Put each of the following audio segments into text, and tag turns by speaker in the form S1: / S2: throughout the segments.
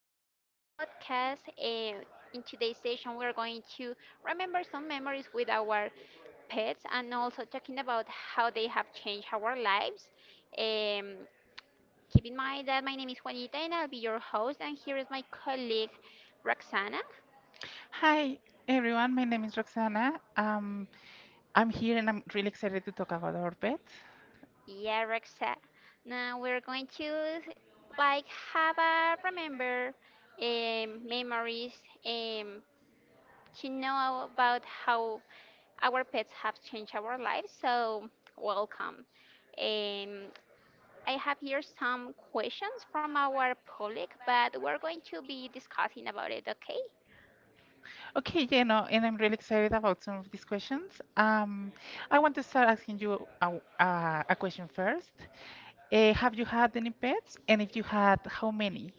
S1: memories podcast. In today's session, we're going to remember some memories with our pets and also talking about how they have changed our lives. Um, Keep in mind that my name is Juanita and I'll be your host, and here is my colleague Roxana.
S2: Hi, everyone. My name is Roxana. I'm here and I'm really excited to talk about our pets.
S1: Yeah, Roxa. Now we're going to like have a remember memories um, to know about how our pets have changed our lives, so welcome. Um, I have here some questions from our public, but we're going to be discussing about it, okay?
S2: Okay, yeah, no, and I'm really excited about some of these questions. I want to start asking you a question first. Have you had any pets? And if you had, how many?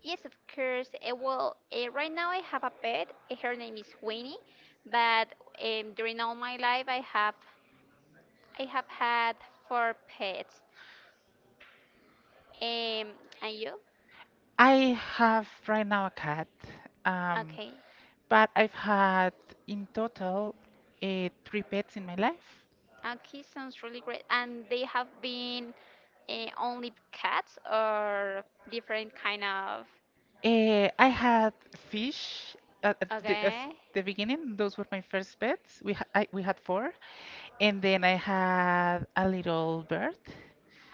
S1: Yes, of course. Well, right now I have a pet. Her name is Winnie, but during all my life I have had four pets. Um, and you?
S2: I have right now a cat, um,
S1: Okay.
S2: but I've had in total three pets in my life.
S1: Okay, sounds really great. And they have been only cats or different kind of.
S2: I had fish at
S1: Okay.
S2: the beginning. Those were my first pets. We had four, and then I had a little bird.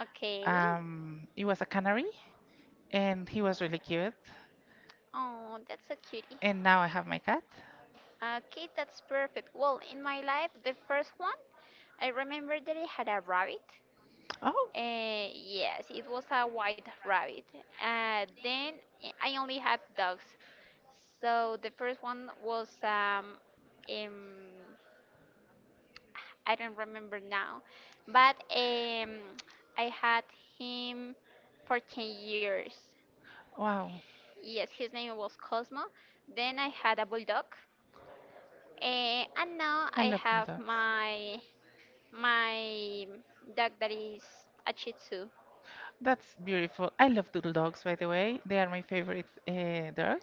S1: Okay.
S2: It was a canary, and he was really cute.
S1: Oh, that's a cutie.
S2: And now I have my cat.
S1: Okay, that's perfect. Well, in my life, the first one, I remember that I had a rabbit.
S2: Oh,
S1: Yes, it was a white rabbit. Then I only had dogs. So the first one was um I don't remember now, but I had him for 10 years.
S2: wow!
S1: Yes, his name was Cosmo. Then I had a bulldog, and now
S2: I
S1: I
S2: love
S1: have
S2: bulldogs.
S1: my dog that is a Shih Tzu.
S2: That's beautiful. I love doodle dogs, by the way. They are my favorite dog.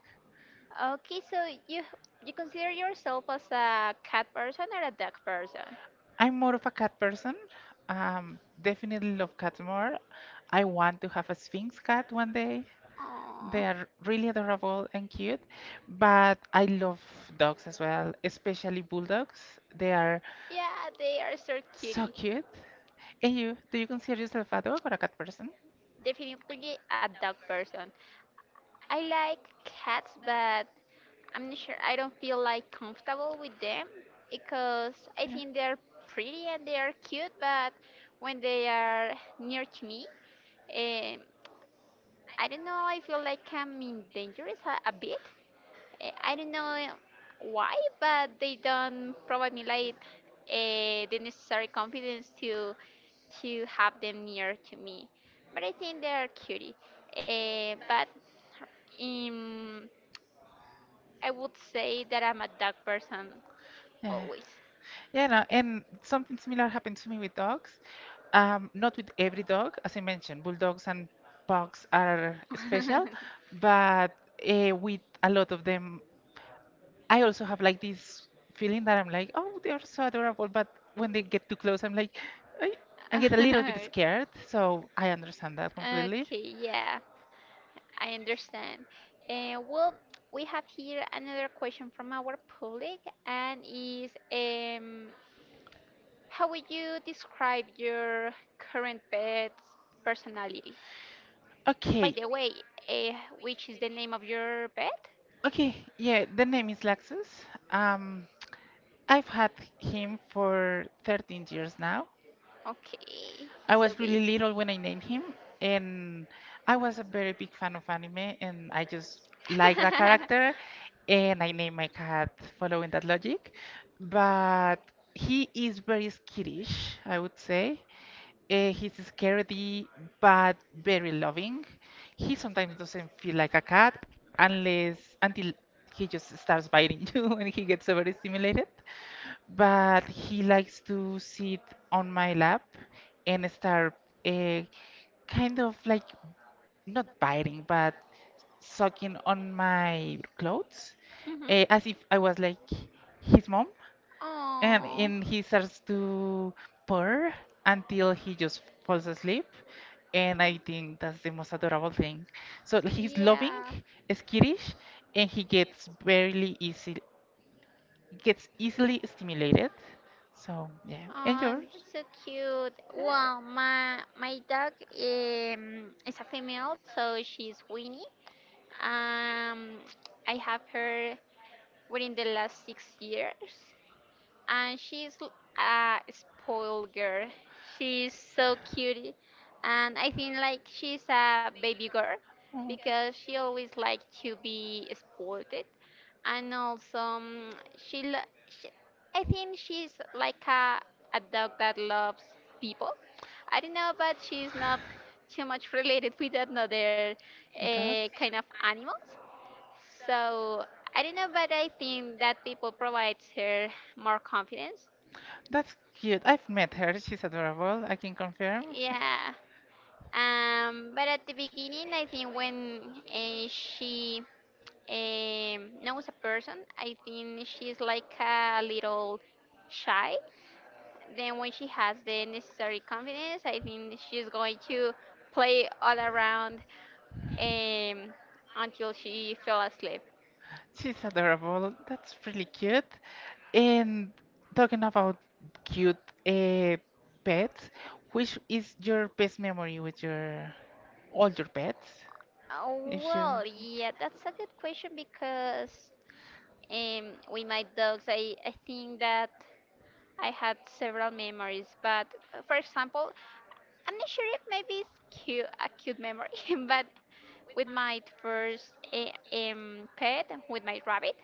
S1: Okay, so you you consider yourself as a cat person or a dog person?
S2: I'm more of a cat person. Definitely love cats more. I want to have a Sphinx cat one day.
S1: Oh,
S2: They are really adorable and cute, but I love dogs as well, especially bulldogs. They are
S1: yeah, they are so
S2: so
S1: cutie.
S2: cute. And you, do you consider yourself a dog or a cat person?
S1: Definitely a dog person. I like cats, but I'm not sure. I don't feel like comfortable with them because I
S2: Yeah.
S1: think they're pretty and they are cute, but when they are near to me, um, I don't know. I feel like I'm in dangerous a bit. I don't know why, but they don't provide me like the necessary confidence to have them near to me. But I think they are cutie. But um, I would say that I'm a dog person
S2: Yeah.
S1: always.
S2: Yeah, no, and something similar happened to me with dogs. Not with every dog, as I mentioned, bulldogs and pugs are special, but with a lot of them, I also have like this feeling that I'm like, oh, they are so adorable, but when they get too close, I'm like, I, I get a little bit scared. So I understand that completely.
S1: Okay, yeah. I understand. And well, we have here another question from our public, and is how would you describe your current pet's personality? By
S2: Okay,
S1: the way, which is the name of your pet?
S2: okay, yeah, the name is Laxus. Um, I've had him for 13 years now.
S1: Okay,
S2: I
S1: he's so
S2: was really
S1: big.
S2: little when I named him, and I was a very big fan of anime, and I just liked that character, and I named my cat following that logic. But he is very skittish, I would say. He's scaredy, but very loving. He sometimes doesn't feel like a cat unless until he just starts biting you, and he gets overstimulated, but he likes to sit on my lap and start uh, kind of like not biting but sucking on my clothes,
S1: Mhm.
S2: as if I was like his mom, and
S1: Oh.
S2: and he starts to purr until he just falls asleep, and I think that's the most adorable thing. So he's loving,
S1: Yeah.
S2: skittish, and he gets very easy, gets easily stimulated. So yeah, and
S1: Oh,
S2: yours?
S1: that's so cute. Well, my dog is a female, so she's Winnie. Um, I have her within the last 6 years. And she's a spoiled girl. She's so cute, and I think like she's a baby girl because she always likes to be spoiled, and also she, lo- she I think she's like a dog that loves people. I don't know, but she's not too much related with another
S2: Dogs?
S1: kind of animals. So I don't know, but I think that people provides her more confidence.
S2: That's cute. I've met her. She's adorable. I can confirm.
S1: Yeah. But at the beginning, I think when she knows a person, I think she's like a little shy. Then when she has the necessary confidence, I think she's going to play all around um, until she fell asleep.
S2: She's adorable. That's really cute. And talking about cute uh, pets, which is your best memory with your all your pets?
S1: Oh,
S2: If you,
S1: well, yeah, that's a good question because um, with my dogs, I think that I had several memories. But for example, I'm not sure if maybe it's cute, a cute memory, but with my first pet, with my rabbit,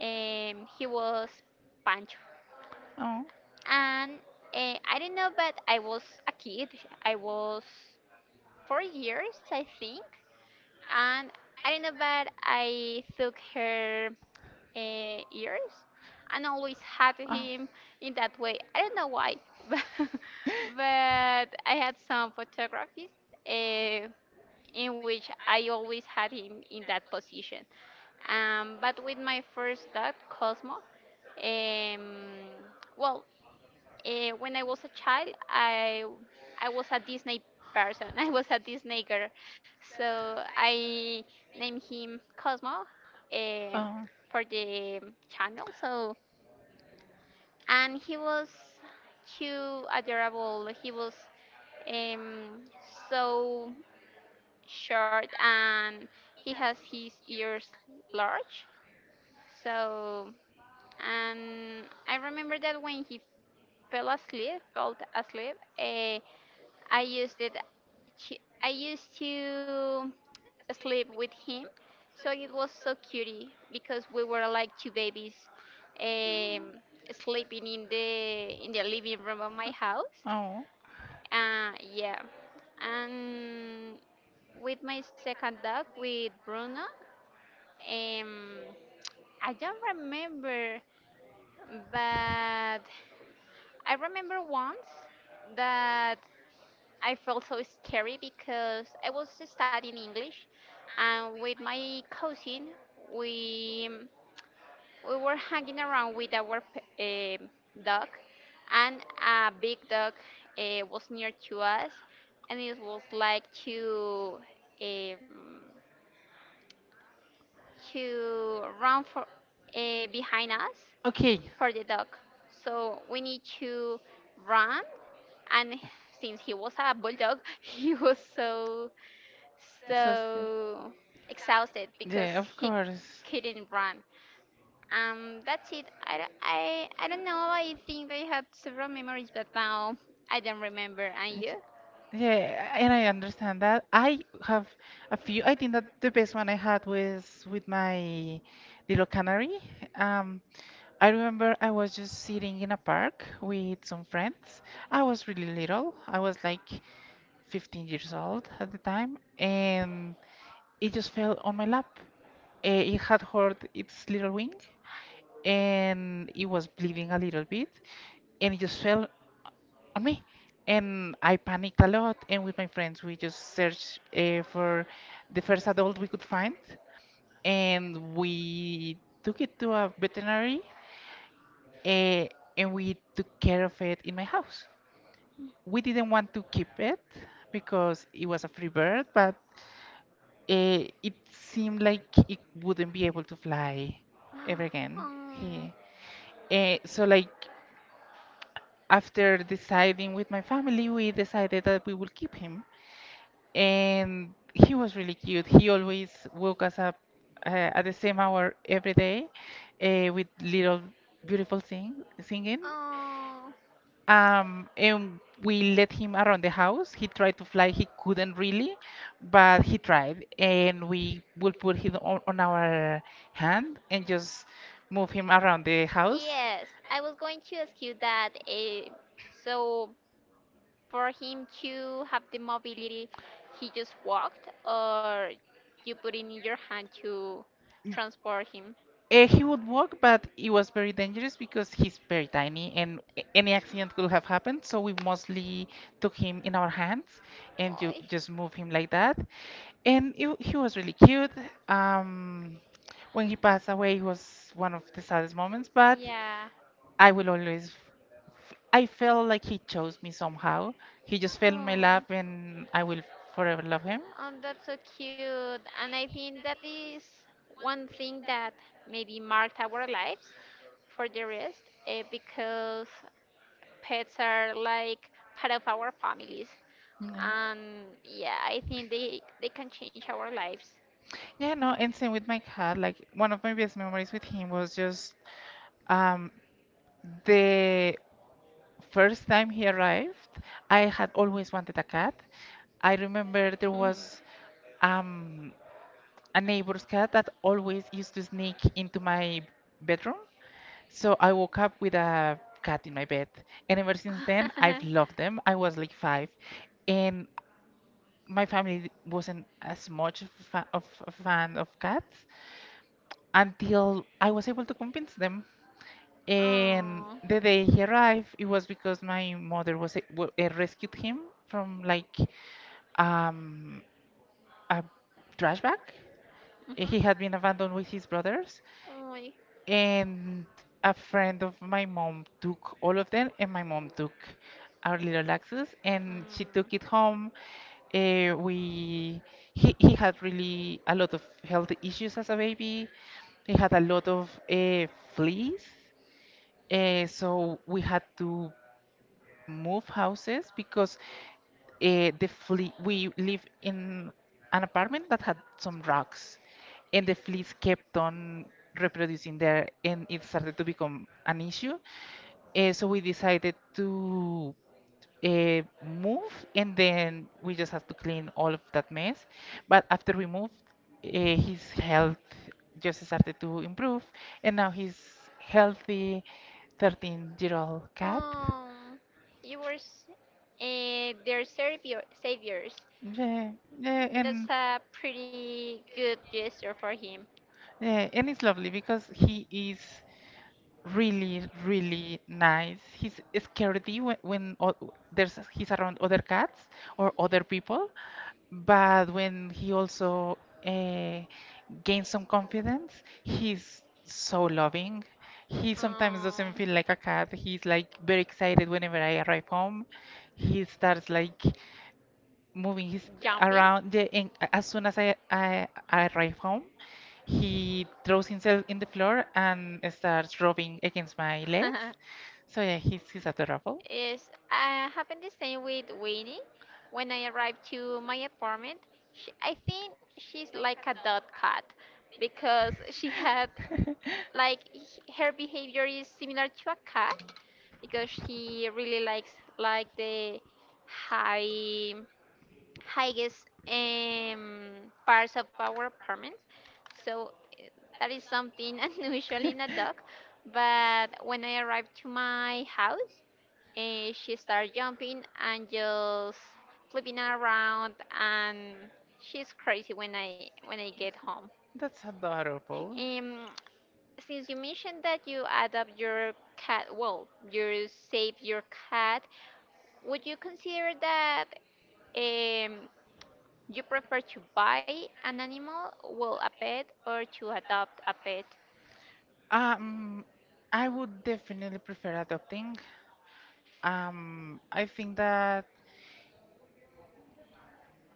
S1: he was Pancho.
S2: oh.
S1: And I don't know, but I was a kid. I was 4 years, I think. And I don't know, but I took her ears and always had
S2: Oh.
S1: him in that way. I don't know why, but I had some photographies uh, in which I always had him in that position. But with my first dog, Cosmo, um, well, when I was a child, I was a Disney person. I was a Disney girl, so I named him Cosmo uh,
S2: Oh.
S1: for the channel. So and he was too adorable. He was um, so short and he has his ears large. So and I remember that when he fell asleep. Uh, I used it. To, I used to sleep with him, so it was so cutie because we were like two babies, um, sleeping in the living room of my house.
S2: Oh.
S1: Yeah, and with my second dog, with Bruno, um, I don't remember, but I remember once that I felt so scary because I was studying English, and with my cousin, we we were hanging around with our dog, and a big dog was near to us, and it was like um, to run for behind us
S2: Okay.
S1: for the dog. So we need to run, and since he was a bulldog, he was so
S2: That's good.
S1: so exhausted because
S2: Yeah, of
S1: he
S2: course.
S1: couldn't run. That's it. I don't know. I think I had several memories, but now I don't remember. And you?
S2: Yeah, and I understand that. I have a few. I think that the best one I had was with my little canary. Um, I remember I was just sitting in a park with some friends. I was really little. I was like 15 years old at the time, and it just fell on my lap. It had hurt its little wing, and it was bleeding a little bit, and it just fell me, and I panicked a lot. And with my friends, we just searched for the first adult we could find, and we took it to a veterinary, uh, and we took care of it in my house. We didn't want to keep it because it was a free bird, but it seemed like it wouldn't be able to fly ever again.
S1: um,
S2: So like after deciding with my family, we decided that we will keep him, and he was really cute. He always woke us up at the same hour every day with little beautiful singing.
S1: oh.
S2: And we let him around the house. He tried to fly, he couldn't really, but he tried. And we would put him on our hand and just move him around the house.
S1: Yes, I was going to ask you that. So, for him to have the mobility, he just walked, or you put it in your hand to transport him?
S2: He would walk, but it was very dangerous because he's very tiny, and any accident could have happened. So we mostly took him in our hands
S1: No,
S2: and ju
S1: oy.
S2: just
S1: He.
S2: move him like that. He was really cute. Um, when he passed away, it was one of the saddest moments, but
S1: Yeah.
S2: I will always, I felt like he chose me somehow. He just fell in my
S1: Oh.
S2: lap, and I will forever love him.
S1: That's so cute. And I think that is one thing that maybe marked our lives for the rest, because pets are like part of our families.
S2: Yeah.
S1: And yeah, I think they can change our lives.
S2: Yeah, no, and same with my cat. Like one of my best memories with him was just um, the first time he arrived. I had always wanted a cat. I remember there was um, a neighbor's cat that always used to sneak into my bedroom. So I woke up with a cat in my bed, and ever since then I've loved them. I was like five, and my family wasn't as much of a fan of cats, until I was able to convince them. And
S1: Oh.
S2: the day he arrived, it was because my mother was rescued him from like um, a trash bag.
S1: Mhm.
S2: He had been abandoned with his brothers,
S1: Oy. Mm.
S2: and a friend of my mom took all of them, and my mom took our little Axis, and she took it home. We he had really a lot of health issues as a baby. He had a lot of fleas. So we had to move houses because the flea we live in an apartment that had some rocks, and the fleas kept on reproducing there, and it started to become an issue. So we decided to move, and then we just had to clean all of that mess. But after we moved, uh, his health just started to improve, and now he's healthy. 13-year-old cat.
S1: Um, you were their savior, saviors.
S2: Yeah, yeah,
S1: That's
S2: and
S1: a pretty good gesture for him.
S2: yeah, and it's lovely because he is really, really nice. He's scaredy when o- there's he's around other cats or other people, but when he also uh, gains some confidence, he's so loving. He sometimes doesn't
S1: Um,
S2: feel like a cat. He's like very excited whenever I arrive home. He starts like moving his
S1: jumping
S2: around. Yeah, and as soon as I arrive home, he throws himself in the floor and starts rubbing against my legs. So yeah, he's adorable.
S1: is happened the same with Winnie. When I arrived to my apartment, I think she's like a dot cat because she had like her behavior is similar to a cat because she really likes like the high highest parts of our apartment, so eh, that is something unusual in a dog. But when I arrived to my house, she started jumping and just flipping around, and she's crazy when I get home.
S2: That's adorable.
S1: um since you mentioned that you adopt your cat, well, you save your cat, would you consider that um, you prefer to buy an animal, well, a pet, or to adopt a pet?
S2: Um, I would definitely prefer adopting. I think that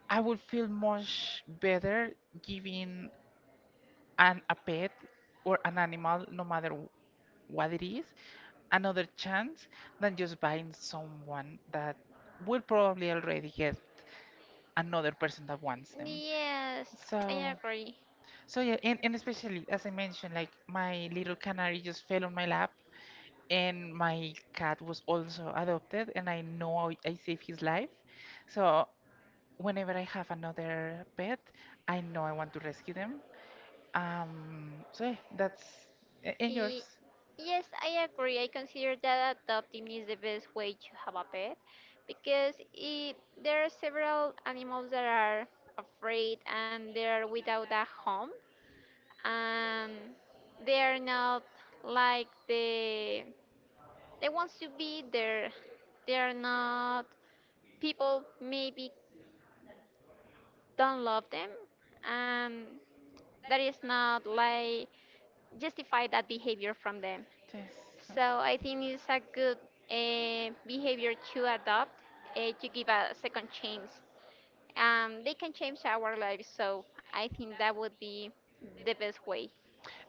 S2: I would feel much better giving an a pet or an animal, no matter what it is, another chance than just buying someone that will probably already get another person that wants them.
S1: Yes, I
S2: So,
S1: agree.
S2: so yeah, and especially as I mentioned, like my little canary just fell on my lap, and my cat was also adopted, and I know I saved his life. So whenever I have another pet, I know I want to rescue them. So yeah, that's and yours.
S1: Y- yes, I agree. I consider that adopting is the best way to have a pet because I there are several animals that are afraid and they're without a home and they are not like they want to be there. They are not people maybe don't love them and that is not like justify that behavior from them.
S2: Yes. uh,
S1: So I think it's a good behavior to adopt, to give a second chance. They can change our lives, so I think that would be the best way.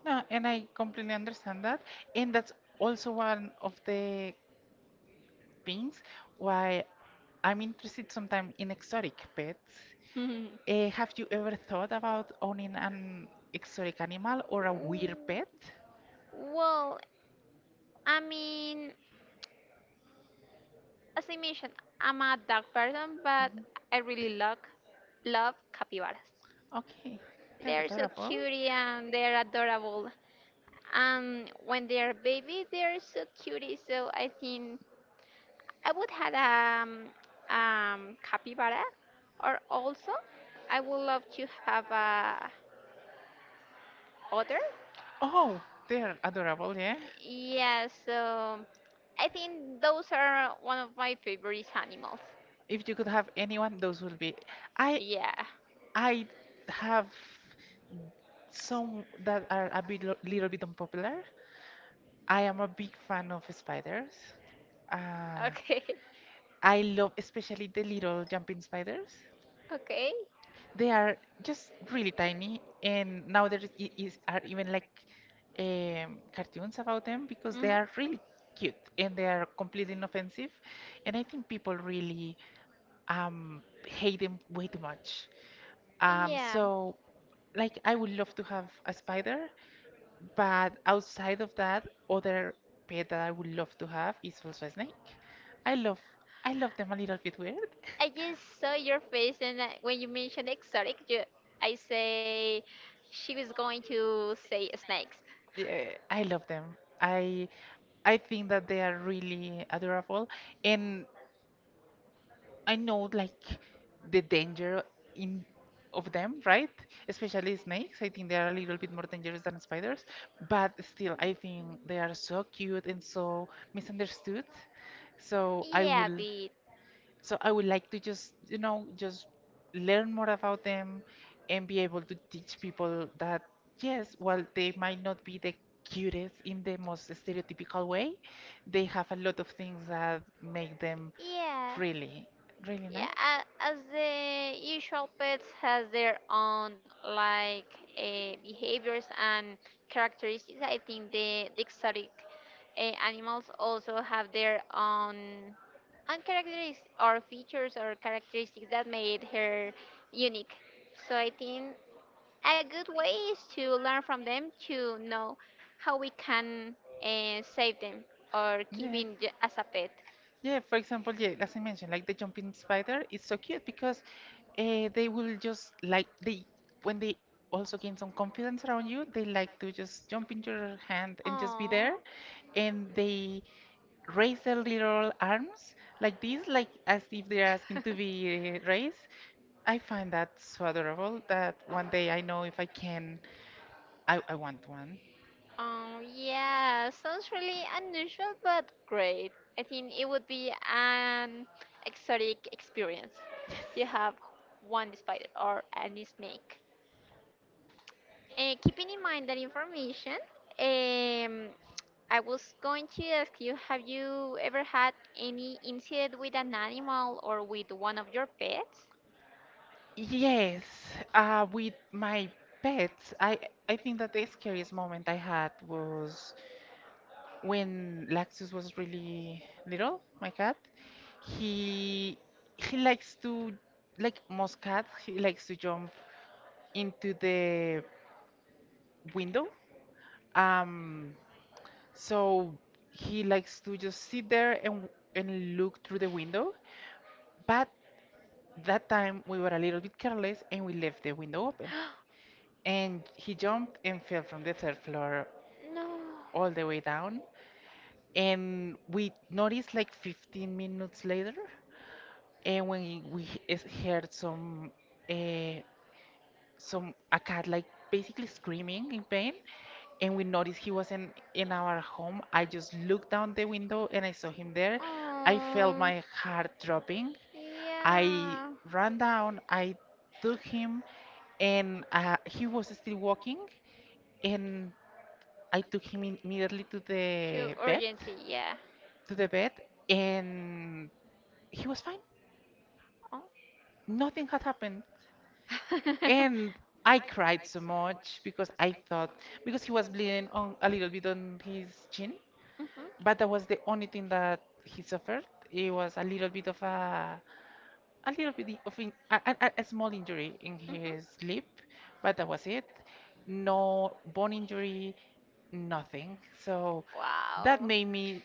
S2: No, and I completely understand that, and that's also one of the things why I'm interested sometimes in exotic pets.
S1: Mm,
S2: Have you ever thought about owning an exotic animal or a weird pet?
S1: well, I mean, as I mentioned, I'm a dog person, but
S2: Mhm.
S1: I really love capybaras.
S2: Okay, they're
S1: They're so
S2: adorable.
S1: cute and they're adorable. And when they're baby, they're so cute. So I think I would have capybara, or also I would love to have a otter.
S2: Oh, they're adorable, yeah.
S1: Yeah, so I think those are one of my favorite animals.
S2: If you could have anyone, those will be. I
S1: Yeah.
S2: I have some that are a bit little bit unpopular. I am a big fan of spiders. Uh,
S1: Okay.
S2: I love especially the little jumping spiders.
S1: Okay.
S2: They are just really tiny, and now there is, I- is are even like cartoons about them because they
S1: Mhm.
S2: are really cute, and they are completely inoffensive. And I think people really hate them way too much. Um,
S1: Yeah.
S2: so, like, I would love to have a spider, but outside of that, other pet that I would love to have is also a snake. I love I love them a little bit weird.
S1: I just saw your face, and when you mentioned exotic, I say she was going to say snakes.
S2: Yeah, I love them. I I think that they are really adorable, and I know like the danger in of them, right? Especially snakes. I think they are a little bit more dangerous than spiders, but still, I think they are so cute and so misunderstood. So I Yeah.
S1: Yeah,
S2: will.
S1: bit.
S2: So I would like to just, you know, just learn more about them and be able to teach people that, yes, while they might not be the cutest in the most stereotypical way, they have a lot of things that make them
S1: Yeah.
S2: really, really
S1: Yeah,
S2: nice.
S1: as the usual pets has their own like behaviors and characteristics, I think the exotic animals also have their own characteristics or features or characteristics that made her unique. So I think a good way is to learn from them to know how we can save them or keep
S2: Yeah.
S1: in as a pet.
S2: Yeah, for example, yeah, as I mentioned, like the jumping spider, it's so cute because they will just like they when they also gain some confidence around you, they like to just jump into your hand and just be there,
S1: Aww.
S2: and they raise their little arms like this, like as if they're asking to be raised. I find that so adorable that one day I know if I can, I want one.
S1: Yeah, sounds really unusual but great. I think it would be an exotic experience. You have one spider or any snake. Keeping in mind that information, um, I was going to ask you, have you ever had any incident with an animal or with one of your pets?
S2: Yes, with my pets, I think that the scariest moment I had was when Laxus was really little, my cat. He he likes to like most cats, he likes to jump into the window. Um, so he likes to just sit there and look through the window. But that time we were a little bit careless and we left the window open. And he jumped and fell from the third floor all the way down. And we noticed like 15 minutes later, and when we heard uh, some a cat like basically screaming in pain, and we noticed he was not in our home. I just looked down
S1: No.
S2: the window and I saw him there. I felt
S1: Oh,
S2: my heart dropping. I
S1: yeah,
S2: ran down. I took him, and he was still walking. And I took him in immediately
S1: to urgency, yeah.
S2: to the vet, and he was fine.
S1: Oh.
S2: Nothing had happened. And I cried so much because I thought because he was bleeding on a little bit on his chin,
S1: Mhm,
S2: but that was the only thing that he suffered. It was a little bit of a little bit of a small injury in
S1: mhm.
S2: his lip, but that was it. No bone injury, nothing. So
S1: Wow.
S2: that made me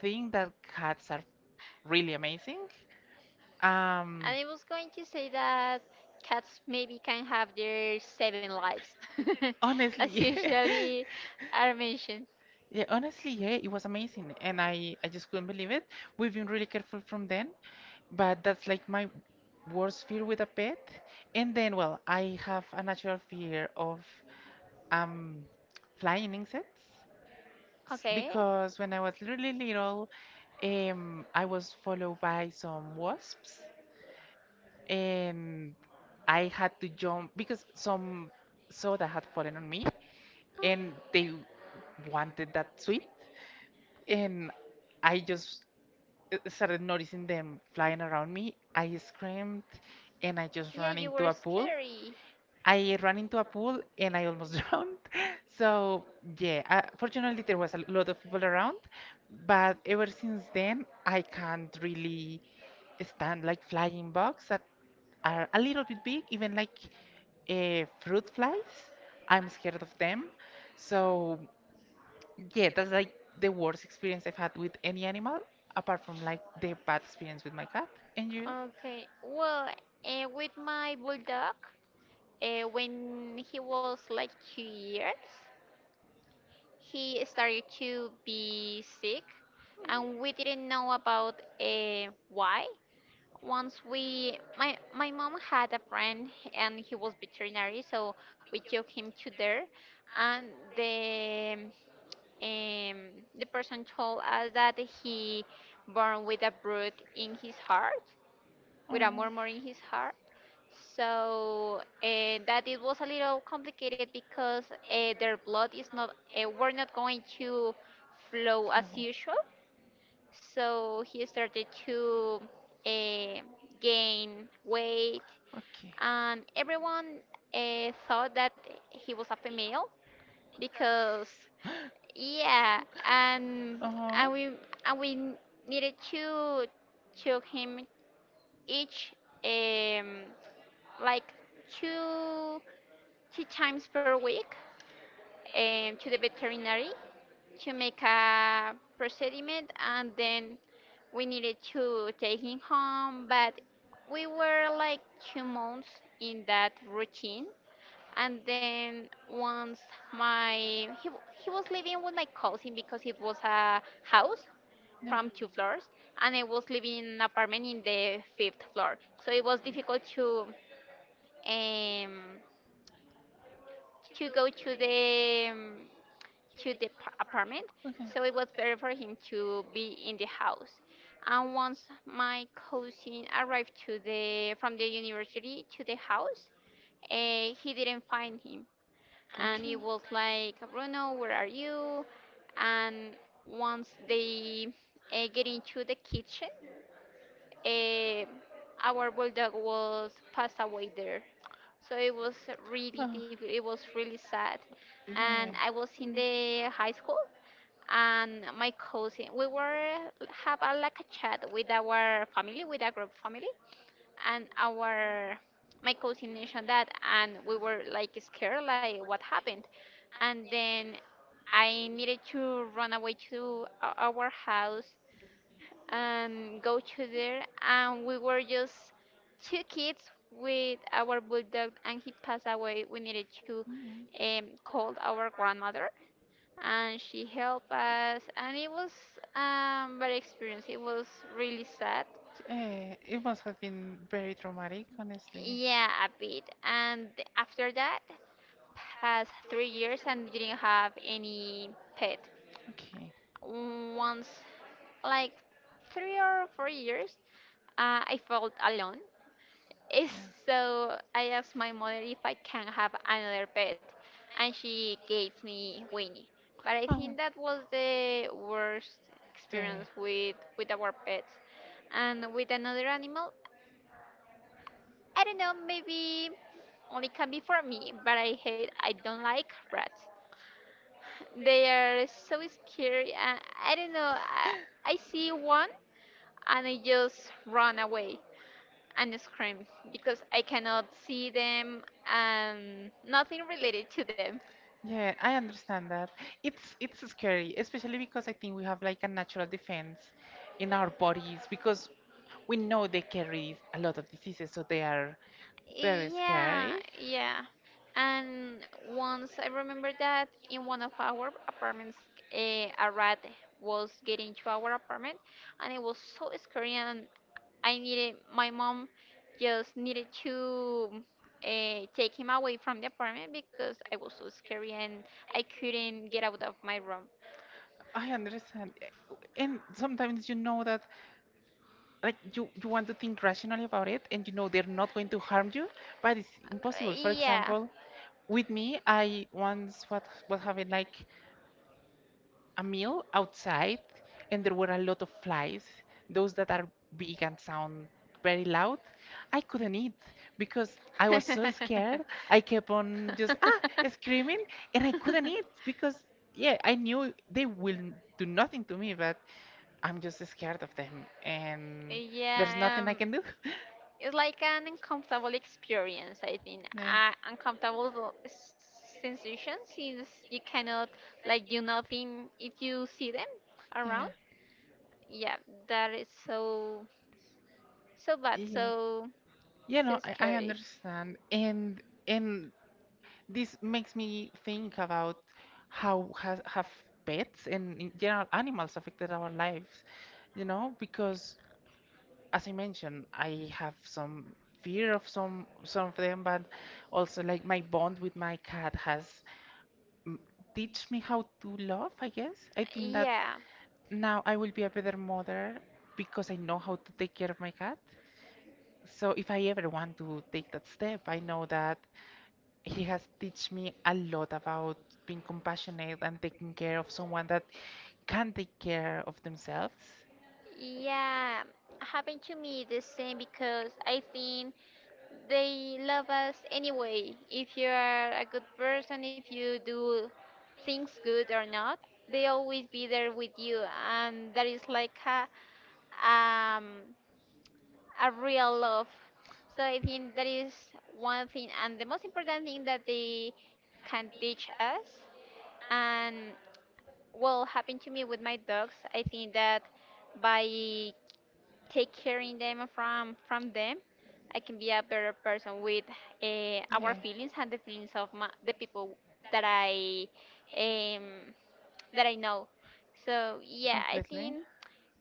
S2: think that cats are really amazing. Um,
S1: And I was going to say that cats maybe can have their seven lives, as
S2: honestly,
S1: usually are mentioned.
S2: yeah, honestly, yeah, it was amazing, and I just couldn't believe it. We've been really careful from then, but that's like my worst fear with a pet. And then, well, I have a natural fear of um flying insects.
S1: Okay.
S2: Because when I was really little, I was followed by some wasps, and I had to jump because some soda had fallen on me, and they wanted that sweet, and I just started noticing them flying around me. I screamed, and I just
S1: Yeah,
S2: ran
S1: you
S2: into
S1: were
S2: a pool,
S1: scary.
S2: I ran into a pool and I almost drowned. So yeah, fortunately there was a lot of people around, but ever since then I can't really stand like flying bugs that are a little bit big, even like fruit flies. I'm scared of them. So yeah, that's like the worst experience I've had with any animal, apart from like the bad experience with my cat. And you?
S1: Okay. Well, with my bulldog, when he was like 2 years, he started to be sick, and we didn't know about why. Once we, my mom had a friend and he was veterinary, so we took him to there, and the um, the person told us that he born with a brood in his heart,
S2: Oh,
S1: with a
S2: no.
S1: murmur in his heart. So that it was a little complicated because their blood is not are not going to flow as usual. So he started to uh, gain weight,
S2: Okay.
S1: and everyone thought that he was a female because, yeah,
S2: Uh huh.
S1: and we and we needed to check him each um, like two two times per week, to the veterinary to make a procediment, and then we needed to take him home, but we were like 2 months in that routine. And then once he was living with my cousin because it was a house
S2: Yeah. Okay.
S1: from two floors, and I was living in an apartment in the fifth floor, so it was difficult um to go to the apartment,
S2: Okay.
S1: so it was better for him to be in the house. And once my cousin arrived to the from the university to the house, he didn't find him, and it was like, Bruno, where are you? And once they get into the kitchen, uh, our bulldog was passed away there. So it was really
S2: Uh,
S1: difficult. It was really sad, and
S2: yeah.
S1: I was in the high school, and my cousin we were have a, like a chat with our family with our group family, and our my cousin mentioned that, and we were like scared like what happened. And then I needed to run away to our house and go to there, and we were just two kids with our bulldog and he passed away. We needed to
S2: Mm.
S1: call our grandmother, and she helped us, and it was very experience. It was really sad.
S2: Eh, it must have been very traumatic, honestly.
S1: Yeah, a bit. And after that past 3 years and didn't have any pet.
S2: Okay.
S1: Once, like, 3 or 4 years, I felt alone. Eh,
S2: Yeah.
S1: So I asked my mother if I can have another pet, and she gave me Winnie. But I
S2: Oh.
S1: think that was the worst
S2: Yeah. Yeah,
S1: experience with
S2: yeah.
S1: our pets, and with another animal. I don't know, maybe only can be for me, but I hate, I don't like rats. They are so scary, and I don't know. I see one and I just run away and scream, because I cannot see them and nothing related to them.
S2: Yeah, I understand that. It's scary, especially because I think we have like a natural defense in our bodies because we know they carry a lot of diseases, so they are very
S1: Yeah,
S2: scary.
S1: yeah. And once I remember that in one of our apartments, eh, a rat was getting to our apartment, and it was so scary. And I needed my mom just needed to take him away from the apartment because I was so scary, and I couldn't get out of my room.
S2: I understand. And sometimes you know that, like you want to think rationally about it and you know they're not going to harm you, but it's impossible. For
S1: Uh, yeah,
S2: example, with me, I once, what happened like a meal outside, and there were a lot of flies, those that are big and sound very loud. I couldn't eat because I was so scared. I kept on just ah screaming, and I couldn't eat because yeah, I knew they will do nothing to me, but I'm just scared of them, and there's
S1: yeah,
S2: nothing I can do.
S1: it's like an uncomfortable experience. I think
S2: Nah.
S1: uncomfortable sensation, since you cannot like do nothing if you see them around.
S2: Yeah.
S1: Yeah, that is so so bad,
S2: Yeah.
S1: so
S2: Yeah,
S1: so
S2: no, I
S1: scary.
S2: understand. And this makes me think about how has have pets and in general animals affected our lives, you know, because as I mentioned, I have some fear of some of them, but also like my bond with my cat has mm, teach me how to love, I guess. I think that
S1: Yeah,
S2: now I will be a better mother because I know how to take care of my cat. So if I ever want to take that step, I know that he has teach me a lot about being compassionate and taking care of someone that can take care of themselves.
S1: yeah, happened to me the same, because I think they love us anyway. If you are a good person, if you do things good or not, they always be there with you, and that is like um, a real love. So I think that is one thing, and the most important thing that they can teach us. And well, happened to me with my dogs. I think that by take caring them from them I can be a better person with our
S2: Yeah.
S1: feelings and the feelings of my, the people that I um, that I know. So yeah, I
S2: Completely.
S1: think,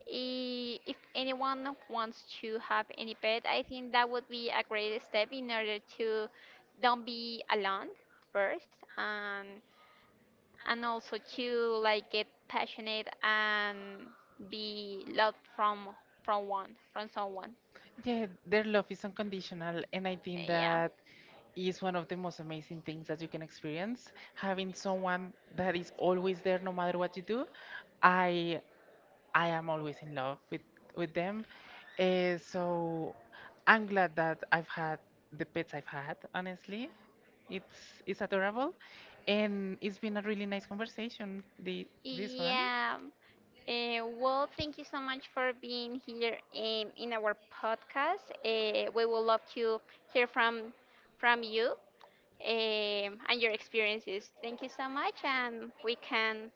S1: I- if anyone wants to have any pet, I think that would be a great step in order to don't be alone first, and also to like get passionate and be loved from one from someone.
S2: Yeah, their love is unconditional, and I think
S1: Yeah.
S2: that is one of the most amazing things that you can experience, having someone that is always there no matter what you do. I I am always in love with them. So I'm glad that I've had the pets I've had, honestly. It's adorable and it's been a really nice conversation, the this one.
S1: Yeah. Well, thank you so much for being here, in our podcast. We would love to hear from you, and your experiences. Thank you so much, and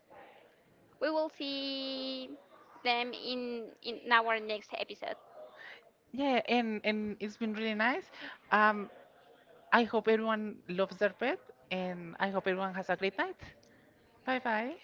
S1: we will see them in our next episode.
S2: Yeah, and it's been really nice. Um, I hope everyone loves their pet and I hope everyone has a great night. Bye bye.